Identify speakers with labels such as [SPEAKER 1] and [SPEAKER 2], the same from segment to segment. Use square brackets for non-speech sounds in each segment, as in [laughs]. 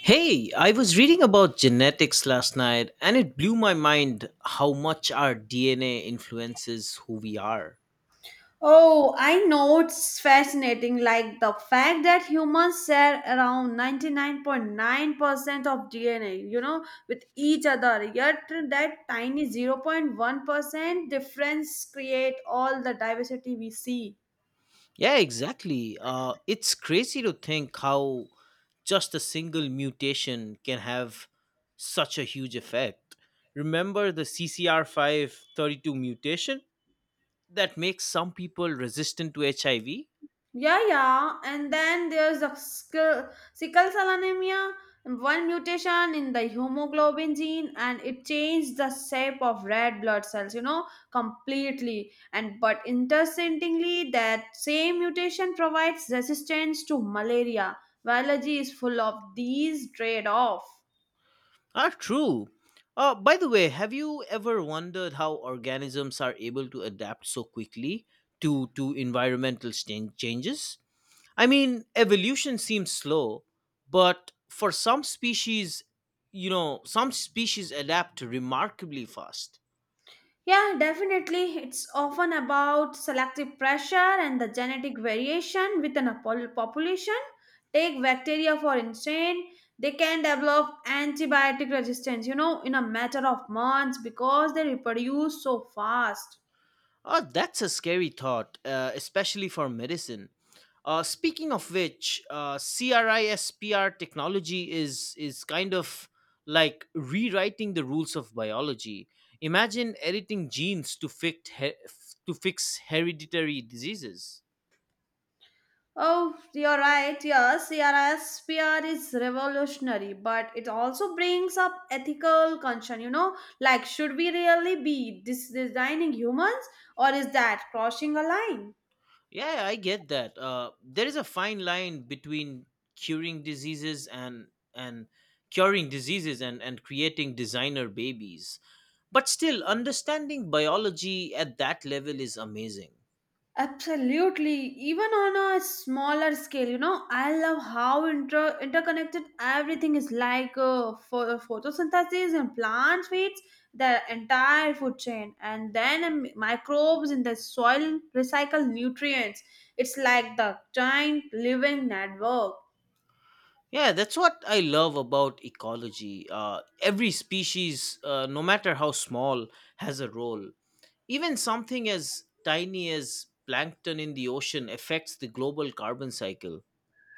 [SPEAKER 1] Hey, I was reading about genetics last night and it blew my mind how much our DNA influences who we are.
[SPEAKER 2] Oh, I know it's fascinating. Like the fact that humans share around 99.9% of DNA with each other. Yet that tiny 0.1% difference create all the diversity we see.
[SPEAKER 1] Yeah, exactly. It's crazy to think how just a single mutation can have such a huge effect. Remember the CCR532 mutation that makes some people resistant to HIV?
[SPEAKER 2] Yeah, yeah. And then there's a sickle cell anemia, one mutation in the hemoglobin gene, and it changed the shape of red blood cells completely. And but interestingly, that same mutation provides resistance to malaria. Biology is full of these trade-off.
[SPEAKER 1] Are true. By the way, have you ever wondered how organisms are able to adapt so quickly to environmental changes? I mean, evolution seems slow, but for some species, you know, some species adapt remarkably fast.
[SPEAKER 2] Yeah, definitely. It's often about selective pressure and the genetic variation within a population. Take bacteria, for instance, they can develop antibiotic resistance in a matter of months because they reproduce so fast.
[SPEAKER 1] Oh, that's a scary thought, especially for medicine. Speaking of which, CRISPR technology is kind of like rewriting the rules of biology. Imagine editing genes to fix to fix hereditary diseases.
[SPEAKER 2] Oh, you're right. Yes, CRSPR is revolutionary, but it also brings up ethical concern like should we really be designing humans or is that crossing a line?
[SPEAKER 1] Yeah, I get that. There is a fine line between curing diseases and curing diseases and creating designer babies. But still, understanding biology at that level is amazing.
[SPEAKER 2] Absolutely. Even on a smaller scale I love how interconnected everything is like for photosynthesis and plant feeds the entire food chain and then microbes in the soil recycle nutrients. It's like the giant living network.
[SPEAKER 1] Yeah, that's what I love about ecology. Every species, no matter how small, has a role. Even something as tiny as plankton in the ocean affects the global carbon cycle.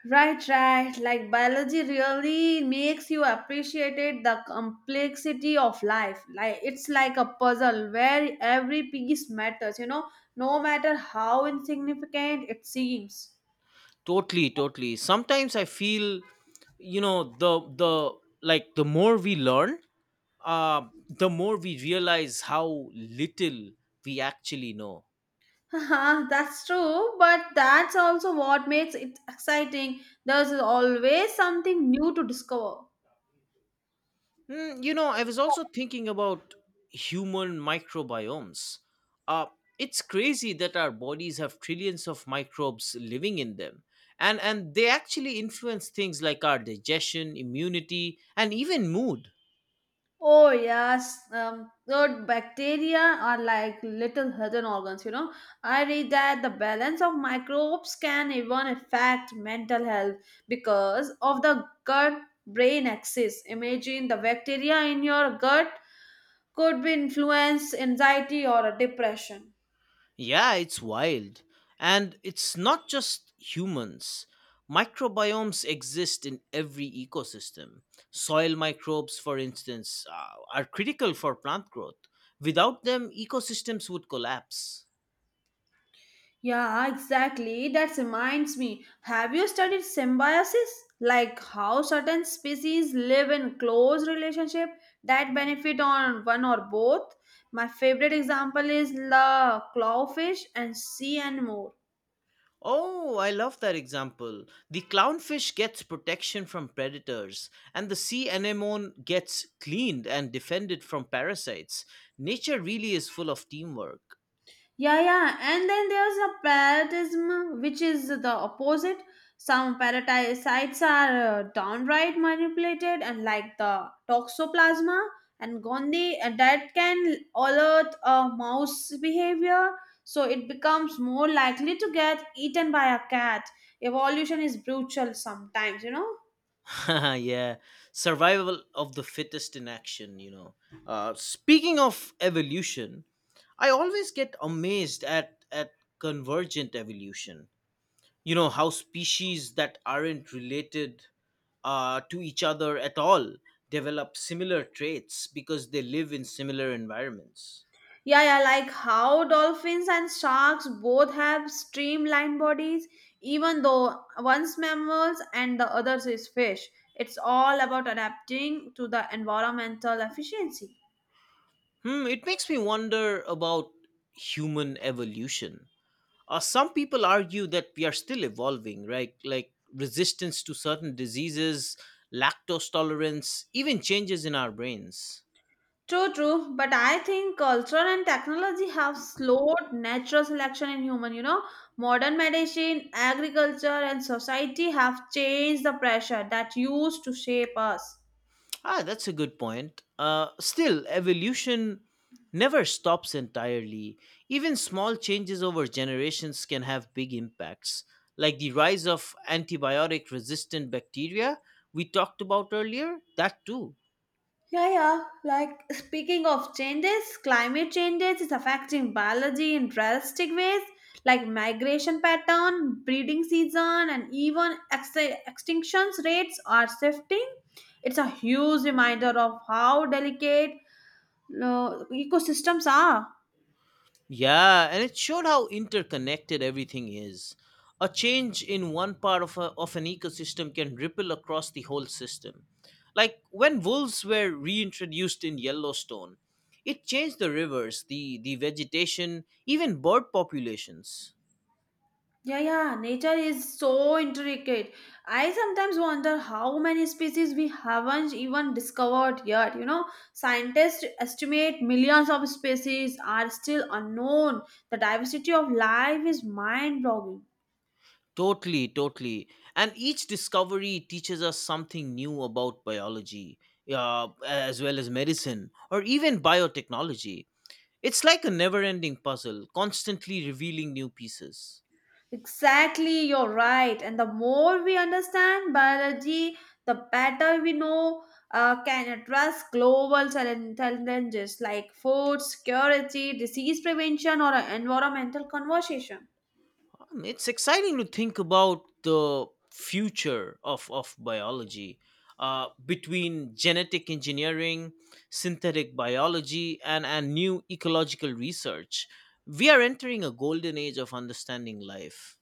[SPEAKER 2] Right, right. Like biology really makes you appreciate it, the complexity of life. Like it's like a puzzle where every piece matters no matter how insignificant it seems.
[SPEAKER 1] Totally, totally. Sometimes I feel, you know, the like the more we learn, the more we realize how little we actually know.
[SPEAKER 2] [laughs] Haha, that's true, but that's also what makes it exciting. There's always something new to discover.
[SPEAKER 1] You know, I was also thinking about human microbiomes. Uh, it's crazy that our bodies have trillions of microbes living in them. And they actually influence things like our digestion, immunity, and even mood.
[SPEAKER 2] Oh yes, good bacteria are like little hidden organs. I read that the balance of microbes can even affect mental health because of the gut-brain axis. Imagine the bacteria in your gut could be influence anxiety or depression.
[SPEAKER 1] Yeah, it's wild. And it's not just humans. Microbiomes exist in every ecosystem. Soil microbes, for instance, are critical for plant growth. Without them, ecosystems would collapse.
[SPEAKER 2] Yeah, exactly. That reminds me. Have you studied symbiosis? Like how certain species live in close relationship that benefit on one or both? My favorite example is the clawfish and sea anemone.
[SPEAKER 1] Oh, I love that example. The clownfish gets protection from predators, and the sea anemone gets cleaned and defended from parasites. Nature really is full of teamwork.
[SPEAKER 2] Yeah, yeah. And then there's a parasitism, which is the opposite. Some parasites are downright manipulated, and like the toxoplasma and gondi, and that can alert a mouse behavior. So it becomes more likely to get eaten by a cat. Evolution is brutal sometimes.
[SPEAKER 1] [laughs] Yeah, survival of the fittest in action, you know. Speaking of evolution, I always get amazed at, convergent evolution. You know how species that aren't related to each other at all develop similar traits because they live in similar environments.
[SPEAKER 2] Yeah, yeah, like how dolphins and sharks both have streamlined bodies, even though one's mammals and the other's is fish. It's all about adapting to the environmental efficiency.
[SPEAKER 1] It makes me wonder about human evolution. Some people argue that we are still evolving, right? Like resistance to certain diseases, lactose tolerance, even changes in our brains.
[SPEAKER 2] True, true, but I think culture and technology have slowed natural selection in human. Modern medicine, agriculture, and society have changed the pressure that used to shape us.
[SPEAKER 1] Ah, that's a good point. Still, evolution never stops entirely. Even small changes over generations can have big impacts, like the rise of antibiotic resistant bacteria we talked about earlier, that too.
[SPEAKER 2] Yeah, yeah. Like speaking of changes, climate changes is affecting biology in drastic ways, like migration pattern, breeding season, and even extinctions rates are shifting. It's a huge reminder of how delicate ecosystems are.
[SPEAKER 1] Yeah, and it showed how interconnected everything is. A change in one part of, of an ecosystem can ripple across the whole system. Like when wolves were reintroduced in Yellowstone, it changed the rivers, the vegetation, even bird populations.
[SPEAKER 2] Yeah, yeah, nature is so intricate. I sometimes wonder how many species we haven't even discovered yet. Scientists estimate millions of species are still unknown. The diversity of life is mind boggling.
[SPEAKER 1] Totally, totally. And each discovery teaches us something new about biology, as well as medicine, or even biotechnology. It's like a never ending puzzle, constantly revealing new pieces.
[SPEAKER 2] Exactly, you're right. And the more we understand biology, the better we know can address global challenges like food security, disease prevention, or environmental conservation.
[SPEAKER 1] It's exciting to think about the future of, biology, between genetic engineering, synthetic biology, and new ecological research. We are entering a golden age of understanding life.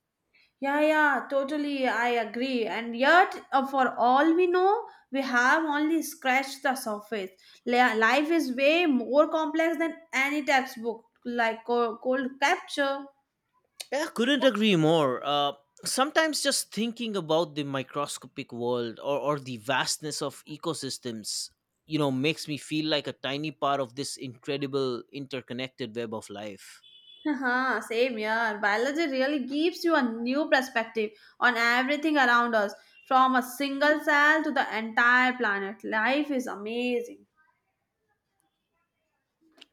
[SPEAKER 2] Yeah, yeah, totally. I agree. And yet, for all we know, we have only scratched the surface. Life is way more complex than any textbook, like cold capture.
[SPEAKER 1] Yeah, couldn't agree more. Sometimes just thinking about the microscopic world or, the vastness of ecosystems, you know, makes me feel like a tiny part of this incredible interconnected web of life.
[SPEAKER 2] Haha, same here. Biology really gives you a new perspective on everything around us, from a single cell to the entire planet. Life is amazing.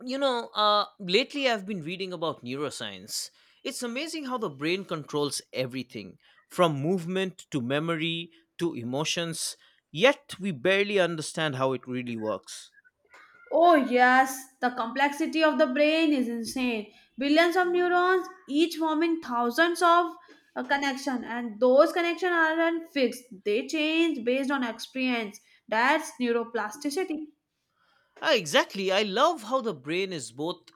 [SPEAKER 1] You know, lately I've been reading about neuroscience. It's amazing how the brain controls everything from movement to memory to emotions, yet we barely understand how it really works.
[SPEAKER 2] Oh, yes, the complexity of the brain is insane. Billions of neurons, each forming thousands of connection, and those connections aren't fixed. They change based on experience. That's neuroplasticity.
[SPEAKER 1] Ah, exactly. I love how the brain is both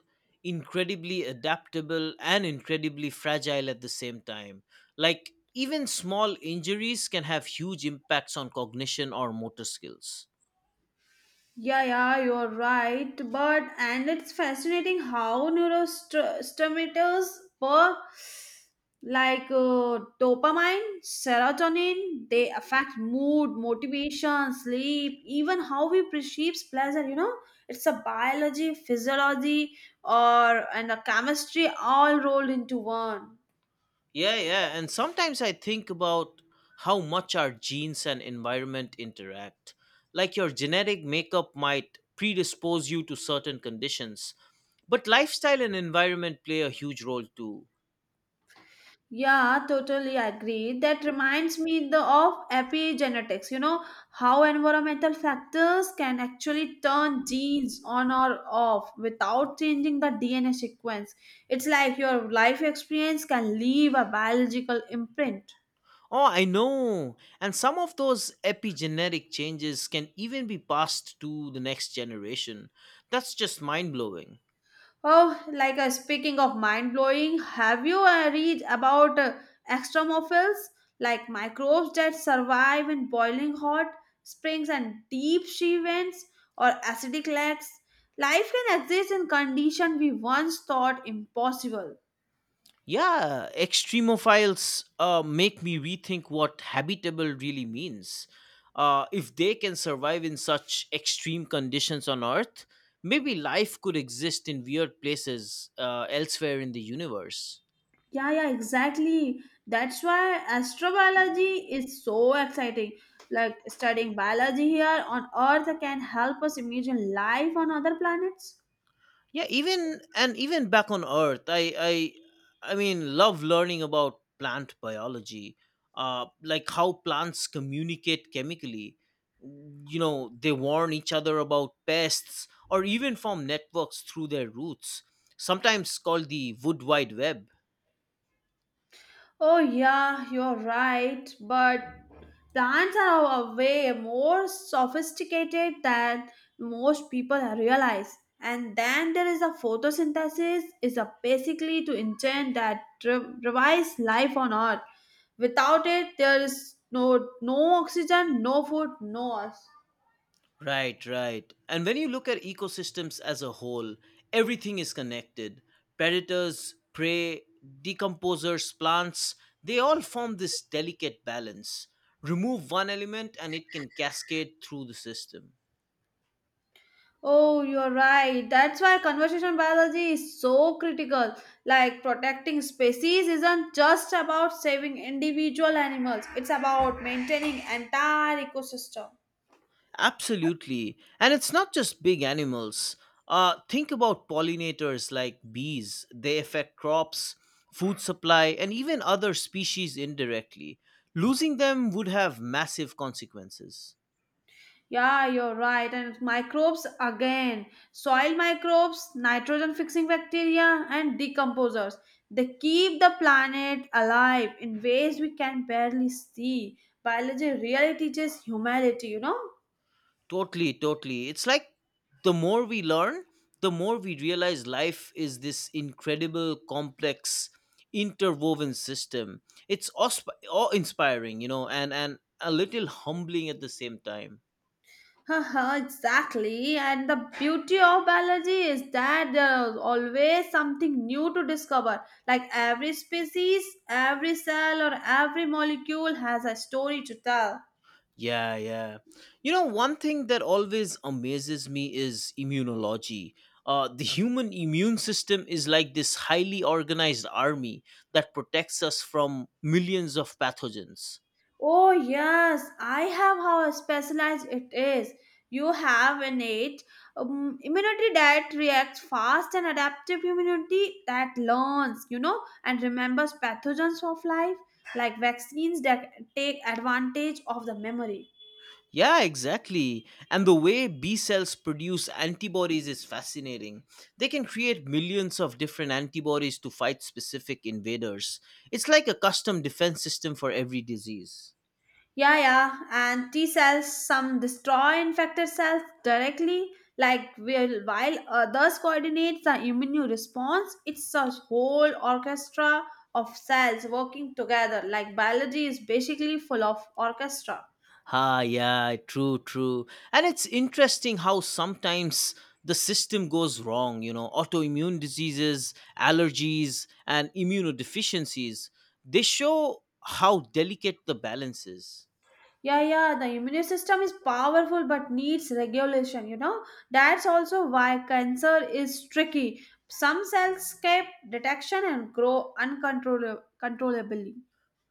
[SPEAKER 1] incredibly adaptable and incredibly fragile at the same time. Like, even small injuries can have huge impacts on cognition or motor skills.
[SPEAKER 2] Yeah, yeah, you're right. But and it's fascinating how neurotransmitters per like dopamine, serotonin, they affect mood, motivation, sleep, even how we perceive pleasure. It's a biology, physiology, or and a chemistry all rolled into one.
[SPEAKER 1] Yeah, yeah. And sometimes I think about how much our genes and environment interact. Like, your genetic makeup might predispose you to certain conditions, but lifestyle and environment play a huge role too.
[SPEAKER 2] Yeah, totally agree. That reminds me the of epigenetics. You know how environmental factors can actually turn genes on or off without changing the DNA sequence. It's like your life experience can leave a biological imprint.
[SPEAKER 1] Oh, I know. And some of those epigenetic changes can even be passed to the next generation. That's just mind blowing.
[SPEAKER 2] Oh, like speaking of mind blowing, have you read about extremophils, like microbes that survive in boiling hot springs and deep sea vents or acidic lakes? Life can exist in conditions we once thought impossible.
[SPEAKER 1] Yeah, extremophiles make me rethink what habitable really means. If they can survive in such extreme conditions on Earth, maybe life could exist in weird places elsewhere in the universe.
[SPEAKER 2] Yeah, yeah, exactly. That's why astrobiology is so exciting. Like studying biology here on Earth can help us imagine life on other planets.
[SPEAKER 1] Yeah, even and even back on earth, I mean, love learning about plant biology, like how plants communicate chemically. You know, they warn each other about pests or even form networks through their roots, sometimes called the wood wide web.
[SPEAKER 2] Oh, yeah, you're right. But plants are a way more sophisticated than most people realize. And then there is a photosynthesis is a basically to engine that revives life on Earth. Without it, there is no oxygen, no food, no us.
[SPEAKER 1] Right, right. And when you look at ecosystems as a whole, everything is connected. Predators, prey, decomposers, plants, they all form this delicate balance. Remove one element and it can cascade through the system.
[SPEAKER 2] Oh, you're right. That's why conservation biology is so critical. Like protecting species isn't just about saving individual animals, it's about maintaining entire ecosystem.
[SPEAKER 1] Absolutely. And it's not just big animals. Think about pollinators like bees, they affect crops, food supply, and even other species indirectly. Losing them would have massive consequences.
[SPEAKER 2] Yeah, you're right. And microbes again. Soil microbes, nitrogen fixing bacteria, and decomposers. They keep the planet alive in ways we can barely see. Biology really teaches humanity, you know?
[SPEAKER 1] Totally, totally. It's like the more we learn, the more we realize life is this incredible, complex, interwoven system. It's awe-inspiring, you know, and a little humbling at the same time.
[SPEAKER 2] Haha, exactly. And the beauty of biology is that there's always something new to discover. Like every species, every cell, or every molecule has a story to tell.
[SPEAKER 1] Yeah, yeah. You know, one thing that always amazes me is immunology. The human immune system is like this highly organized army that protects us from millions of pathogens.
[SPEAKER 2] Oh, yes, I have how specialized it is. You have innate immunity that reacts fast and adaptive immunity that learns and remembers pathogens of life, like vaccines that take advantage of the memory.
[SPEAKER 1] Yeah, exactly. And the way B cells produce antibodies is fascinating. They can create millions of different antibodies to fight specific invaders. It's like a custom defense system for every disease.
[SPEAKER 2] Yeah, yeah, and T cells some destroy infected cells directly, like while others coordinate the immune response. It's a whole orchestra of cells working together. Like biology is basically full of orchestra.
[SPEAKER 1] Ah, yeah, true, true. And it's interesting how sometimes the system goes wrong, you know, autoimmune diseases, allergies, and immunodeficiencies. They show how delicate the balance is.
[SPEAKER 2] Yeah, yeah, the immune system is powerful but needs regulation. That's also why cancer is tricky. Some cells escape detection and grow uncontrollably.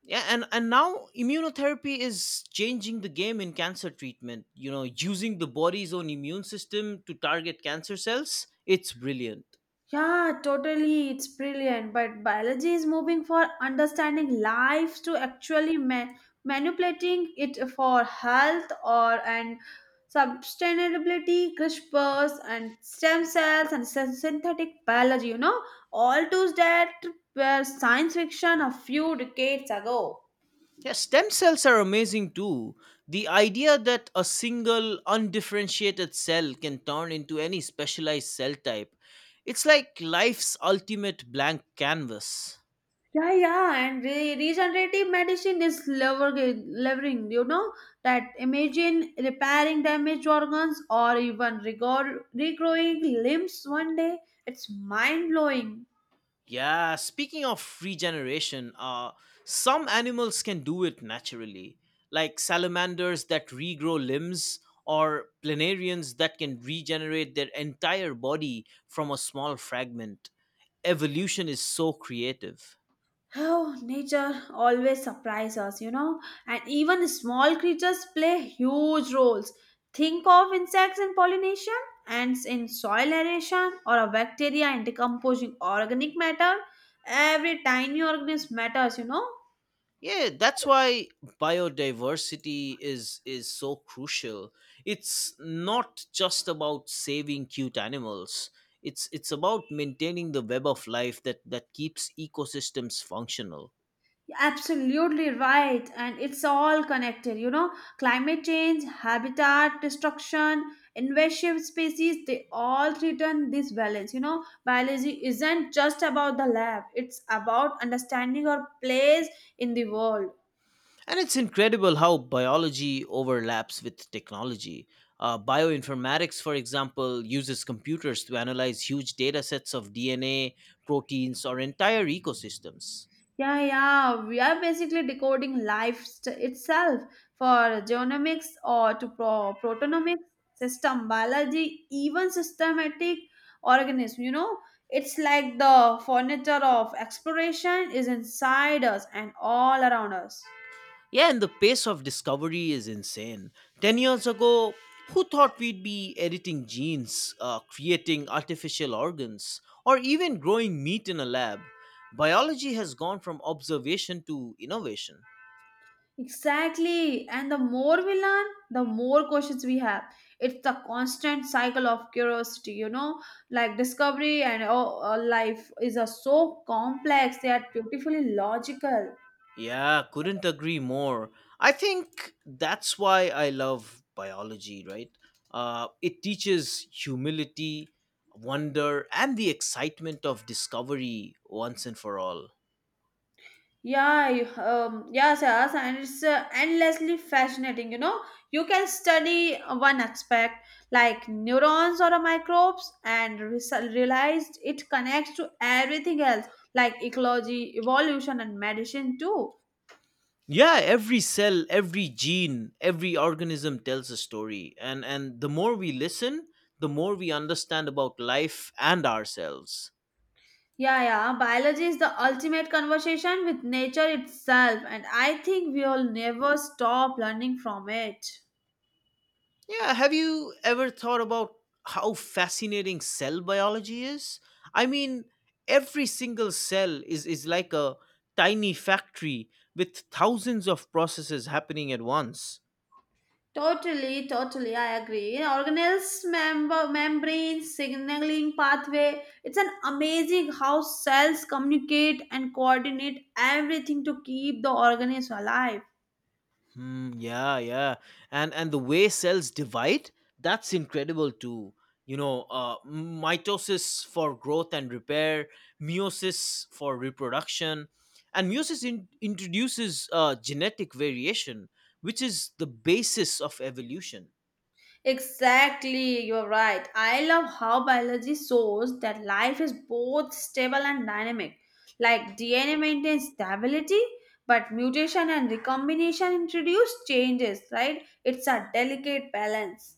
[SPEAKER 1] Yeah, and now immunotherapy is changing the game in cancer treatment, you know, using the body's own immune system to target cancer cells. It's brilliant.
[SPEAKER 2] Yeah, totally. It's brilliant. But biology is moving for understanding life to actually manipulating it for health or and sustainability, CRISPRs and stem cells and synthetic biology. All tools that were science fiction a few decades ago.
[SPEAKER 1] Yeah, stem cells are amazing too. The idea that a single undifferentiated cell can turn into any specialized cell type, it's like life's ultimate blank canvas.
[SPEAKER 2] Yeah, yeah, and regenerative medicine is leveraging, that imagine repairing damaged organs or even regrowing limbs one day. It's mind blowing.
[SPEAKER 1] Yeah, speaking of regeneration, some animals can do it naturally, like salamanders that regrow limbs or planarians that can regenerate their entire body from a small fragment. Evolution is so creative.
[SPEAKER 2] Oh, nature always surprises us, and even small creatures play huge roles. Think of insects in pollination, ants in soil aeration, or a bacteria in decomposing organic matter. Every tiny organism matters.
[SPEAKER 1] Yeah, that's why biodiversity is so crucial. It's not just about saving cute animals. It's about maintaining the web of life that keeps ecosystems functional.
[SPEAKER 2] Absolutely right. And it's all connected, climate change, habitat destruction, invasive species, they all threaten this balance. Biology isn't just about the lab, it's about understanding our place in the world.
[SPEAKER 1] And it's incredible how biology overlaps with technology. Bioinformatics, for example, uses computers to analyze huge data sets of DNA, proteins, or entire ecosystems.
[SPEAKER 2] Yeah, yeah, we are basically decoding life itself for genomics or to proteomics, system biology, even systematic organism. It's like the furniture of exploration is inside us and all around us.
[SPEAKER 1] Yeah, and the pace of discovery is insane. 10 years ago, who thought we'd be editing genes, creating artificial organs, or even growing meat in a lab? Biology has gone from observation to innovation.
[SPEAKER 2] Exactly. And the more we learn, the more questions we have. It's the constant cycle of curiosity, like discovery and oh, life is a so complex yet beautifully logical.
[SPEAKER 1] Yeah, couldn't agree more. I think that's why I love biology, right? It teaches humility, wonder, and the excitement of discovery once and for all.
[SPEAKER 2] Yeah, yes, yes, and it's endlessly fascinating. You can study one aspect like neurons or microbes and realized it connects to everything else like ecology, evolution, and medicine too.
[SPEAKER 1] Yeah, every cell, every gene, every organism tells a story, and the more we listen, the more we understand about life and ourselves.
[SPEAKER 2] Yeah, yeah. Biology is the ultimate conversation with nature itself, and I think we'll never stop learning from it.
[SPEAKER 1] Yeah, have you ever thought about how fascinating cell biology is? I mean, every single cell is like a tiny factory with thousands of processes happening at once.
[SPEAKER 2] Totally, totally, I agree. Organelles, membrane, signaling pathway. It's an amazing how cells communicate and coordinate everything to keep the organism alive.
[SPEAKER 1] Hmm, yeah, yeah. And the way cells divide, that's incredible too. You know, mitosis for growth and repair, meiosis for reproduction, and meiosis introduces genetic variation, which is the basis of evolution.
[SPEAKER 2] Exactly, you're right. I love how biology shows that life is both stable and dynamic. Like DNA maintains stability, but mutation and recombination introduce changes, right? It's a delicate balance.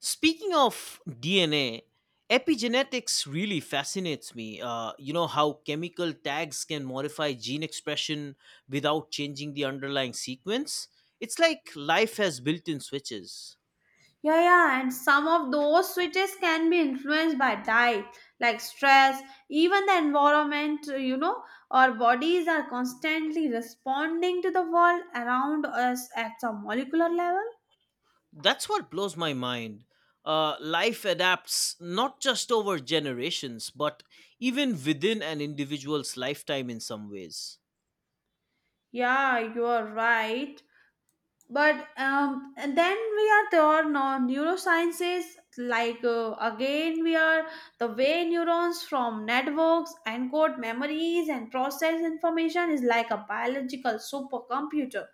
[SPEAKER 1] Speaking of DNA, epigenetics really fascinates me. You know how chemical tags can modify gene expression without changing the underlying sequence? It's like life has built in switches.
[SPEAKER 2] Yeah, yeah, and some of those switches can be influenced by diet, like stress, even the environment. Our bodies are constantly responding to the world around us at a molecular level.
[SPEAKER 1] That's what blows my mind. Life adapts not just over generations, but even within an individual's lifetime in some ways.
[SPEAKER 2] Yeah, you are right. But and then we are there now. Neurosciences, like again, we are the way neurons from networks encode memories and process information is like a biological supercomputer.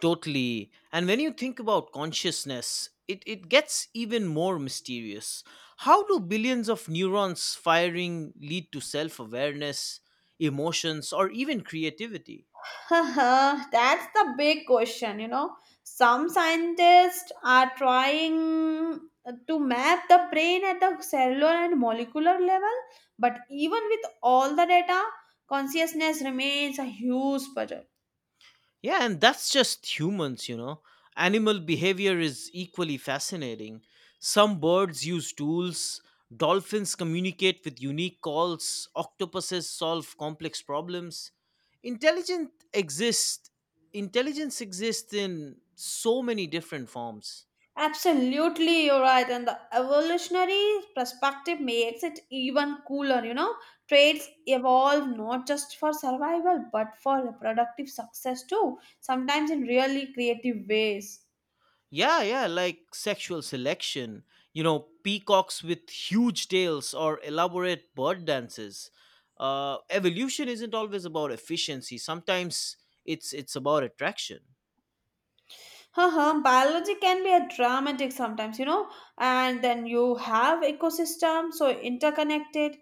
[SPEAKER 1] Totally. And when you think about consciousness, it gets even more mysterious. How do billions of neurons firing lead to self awareness, emotions, or even creativity?
[SPEAKER 2] Haha, that's the big question. Some scientists are trying to map the brain at the cellular and molecular level, but even with all the data, consciousness remains a huge puzzle.
[SPEAKER 1] Yeah, and that's just humans, you know. Animal behavior is equally fascinating. Some birds use tools, dolphins communicate with unique calls, octopuses solve complex problems. Intelligent exist Intelligence exists in so many different forms.
[SPEAKER 2] Absolutely, you're right, and the evolutionary perspective makes it even cooler. Traits evolve not just for survival but for reproductive success too, sometimes in really creative ways.
[SPEAKER 1] Yeah, yeah, like sexual selection. You know, peacocks with huge tails or elaborate bird dances. Evolution isn't always about efficiency. Sometimes it's about attraction.
[SPEAKER 2] Haha, biology can be a dramatic sometimes, and then you have ecosystem so interconnected.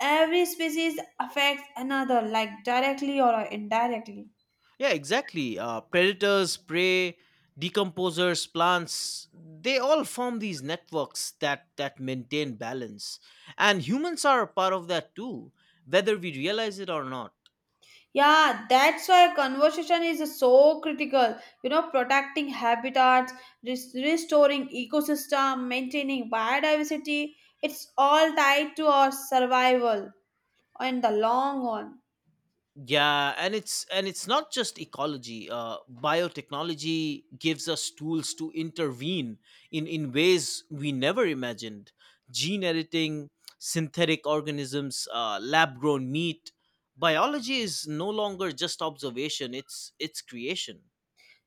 [SPEAKER 2] Every species affects another, like directly or indirectly.
[SPEAKER 1] Yeah, exactly. Predators, prey, decomposers, plants, they all form these networks that maintain balance. And humans are a part of that too, whether we realize it or not.
[SPEAKER 2] Yeah, that's why conservation is so critical. Protecting habitats, restoring ecosystem, maintaining biodiversity. It's all tied to our survival in the long run.
[SPEAKER 1] Yeah, and it's not just ecology, biotechnology gives us tools to intervene in ways we never imagined: gene editing, synthetic organisms, lab grown meat. Biology is no longer just observation, it's creation.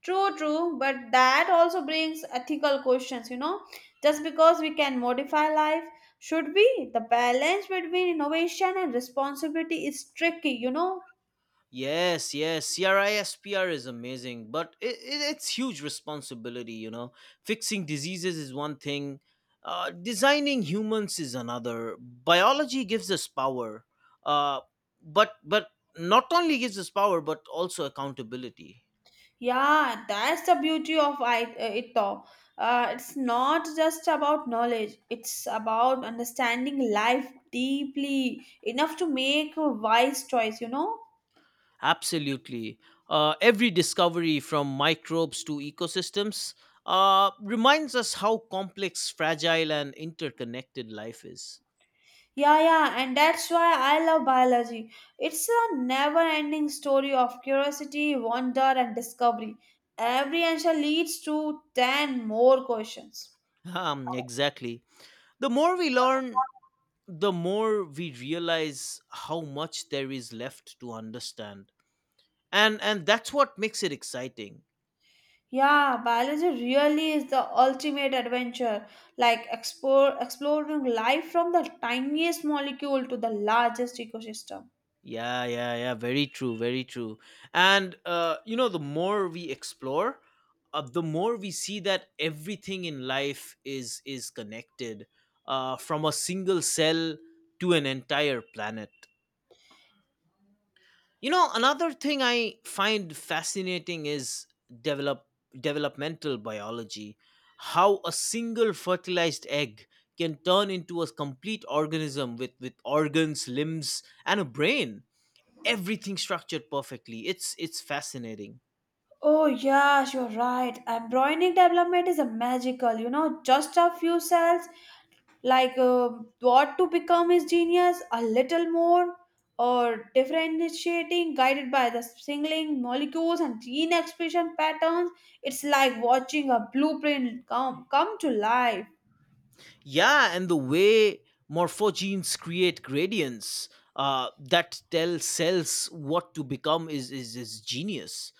[SPEAKER 2] True, true, but that also brings ethical questions. Just because we can modify life, should we? The balance between innovation and responsibility is tricky.
[SPEAKER 1] Yes, yes, CRISPR is amazing, but it's huge responsibility, you know. Fixing diseases is one thing, designing humans is another. Biology gives us power, uh, but not only gives us power, but also accountability.
[SPEAKER 2] Yeah, that's the beauty of it though. It's not just about knowledge, it's about understanding life deeply enough to make a wise choice.
[SPEAKER 1] Absolutely, every discovery from microbes to ecosystems reminds us how complex, fragile, and interconnected life is. [laughs]
[SPEAKER 2] Yeah, yeah, and that's why I love biology. It's a never ending story of curiosity, wonder, and discovery. Every answer leads to 10 more questions.
[SPEAKER 1] Exactly. The more we learn, the more we realize how much there is left to understand. And that's what makes it exciting.
[SPEAKER 2] Yeah, biology really is the ultimate adventure, like exploring life from the tiniest molecule to the largest ecosystem.
[SPEAKER 1] Yeah, yeah, yeah, very true, very true. And you know, the more we explore, the more we see that everything in life is connected, from a single cell to an entire planet. You know, another thing I find fascinating is develop developmental biology, how a single fertilized egg can turn into a complete organism with organs, limbs, and a brain. Everything structured perfectly. It's fascinating.
[SPEAKER 2] Oh, yes, you're right. Embryonic development is a magical, just a few cells like what to become is genius a little more or differentiating guided by the singling molecules and gene expression patterns it's like watching a blueprint come to life.
[SPEAKER 1] Yeah, and the way morphogenes create gradients that tell cells what to become is genius.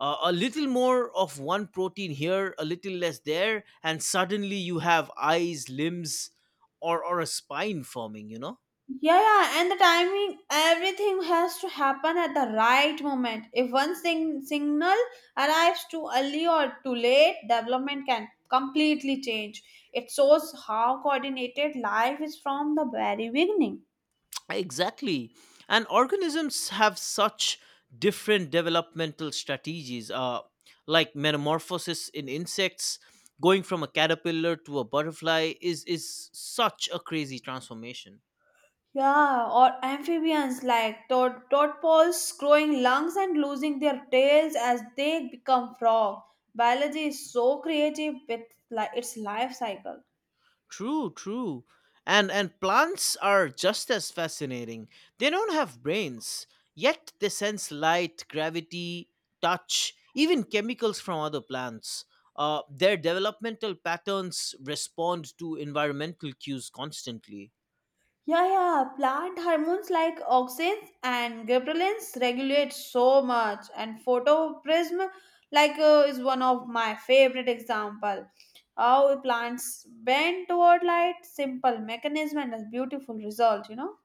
[SPEAKER 1] A little more of one protein here, a little less there, and suddenly you have eyes, limbs, or a spine forming. You know.
[SPEAKER 2] Yeah, yeah, and the timing, everything has to happen at the right moment. If one signal arrives too early or too late, development can completely change. It shows how coordinated life is from the very beginning.
[SPEAKER 1] Exactly. And organisms have such different developmental strategies, like metamorphosis in insects. Going from a caterpillar to a butterfly is such a crazy transformation.
[SPEAKER 2] Yeah, or amphibians like tadpoles growing lungs and losing their tails as they become frog. Biology is so creative with like its life cycle.
[SPEAKER 1] True, true. And plants are just as fascinating. They don't have brains, yet they sense light, gravity, touch, even chemicals from other plants. Their developmental patterns respond to environmental cues constantly.
[SPEAKER 2] Yeah, yeah, plant hormones like auxins and ghrelins regulate so much, and photoprism like is one of my favorite example. How plants bend toward light, simple mechanism and a beautiful result.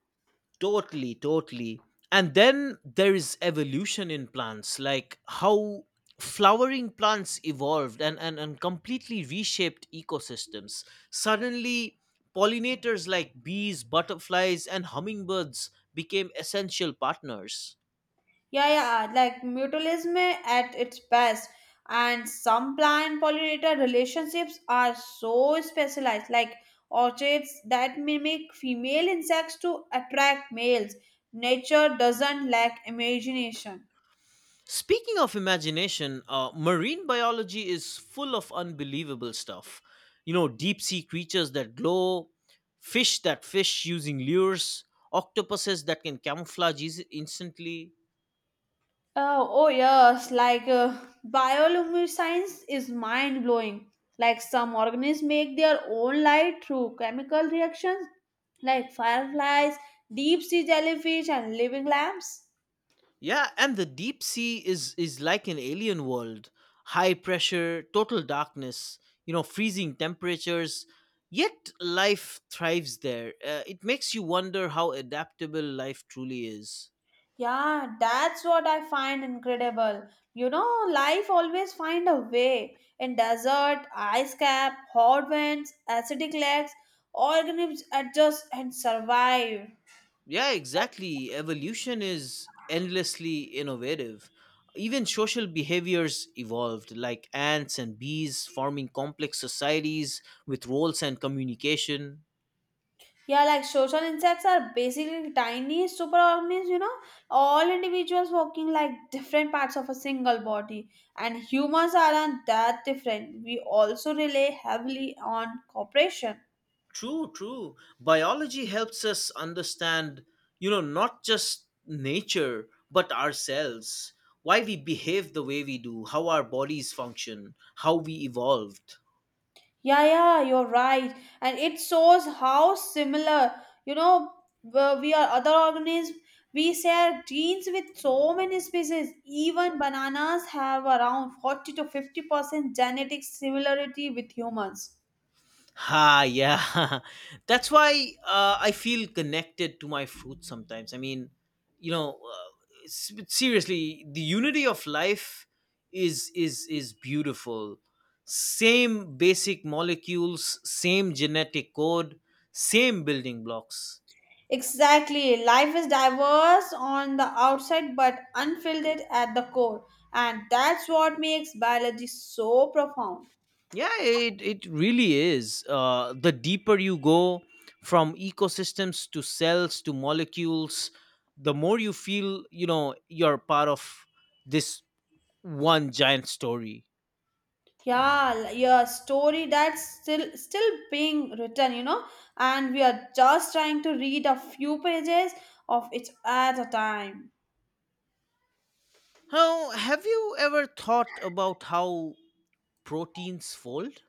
[SPEAKER 1] Totally, totally. And then there is evolution in plants, like how flowering plants evolved and completely reshaped ecosystems. Suddenly, pollinators like bees, butterflies, and hummingbirds became essential partners.
[SPEAKER 2] Yeah, yeah, like mutualism at its best. And some plant pollinator relationships are so specialized, like orchids that mimic female insects to attract males. Nature doesn't lack imagination.
[SPEAKER 1] Speaking of imagination, marine biology is full of unbelievable stuff. You know, deep sea creatures that glow, fish that fish using lures, octopuses that can camouflage instantly.
[SPEAKER 2] Oh, oh yes, like bioluminescence is mind blowing. Like some organisms make their own light through chemical reactions, like fireflies, deep sea jellyfish, and living lamps.
[SPEAKER 1] Yeah, and the deep sea is like an alien world. High pressure, total darkness, you know, freezing temperatures. Yet life thrives there. It makes you wonder how adaptable life truly is.
[SPEAKER 2] Yeah, that's what I find incredible. Life always find a way. In desert, ice cap, hot winds, acidic lakes, organisms adjust and survive.
[SPEAKER 1] Yeah, exactly. Evolution is endlessly innovative. Even social behaviors evolved, like ants and bees forming complex societies with roles and communication.
[SPEAKER 2] Yeah, like social insects are basically tiny superorganisms, all individuals working like different parts of a single body. And humans aren't that different. We also rely heavily on cooperation.
[SPEAKER 1] True, true. Biology helps us understand, you know, not just nature, but ourselves, why we behave the way we do, how our bodies function, how we evolved.
[SPEAKER 2] Yeah, yeah, you're right. And it shows how similar, you know, we are other organisms. We share genes with so many species. Even bananas have around 40 to 50% genetic similarity with humans.
[SPEAKER 1] Ha, yeah. [laughs] That's why I feel connected to my fruit sometimes. I mean, you know, seriously, the unity of life is beautiful. Same basic molecules, same genetic code, same building blocks.
[SPEAKER 2] Exactly. Life is diverse on the outside but unfiltered at the core. And that's what makes biology so profound.
[SPEAKER 1] Yeah, it really is. The deeper you go from ecosystems to cells to molecules, the more you feel, you know, you're part of this one giant story.
[SPEAKER 2] Yeah, your story that's still being written, and we are just trying to read a few pages of it at a time.
[SPEAKER 1] How, have you ever thought about how proteins fold?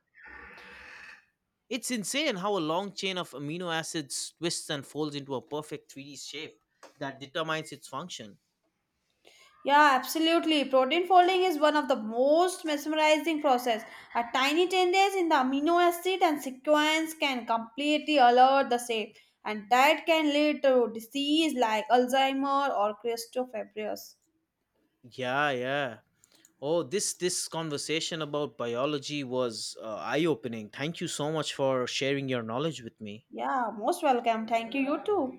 [SPEAKER 1] It's insane how a long chain of amino acids twists and folds into a perfect 3D shape that determines its function.
[SPEAKER 2] Yeah, absolutely. Protein folding is one of the most mesmerizing process. A tiny changes in the amino acid and sequence can completely alter the shape, and that can lead to disease like Alzheimer or cryptofibrosis.
[SPEAKER 1] Yeah, yeah. Oh, this conversation about biology was eye-opening. Thank you so much for sharing your knowledge with me.
[SPEAKER 2] Yeah, most welcome. Thank you. You too.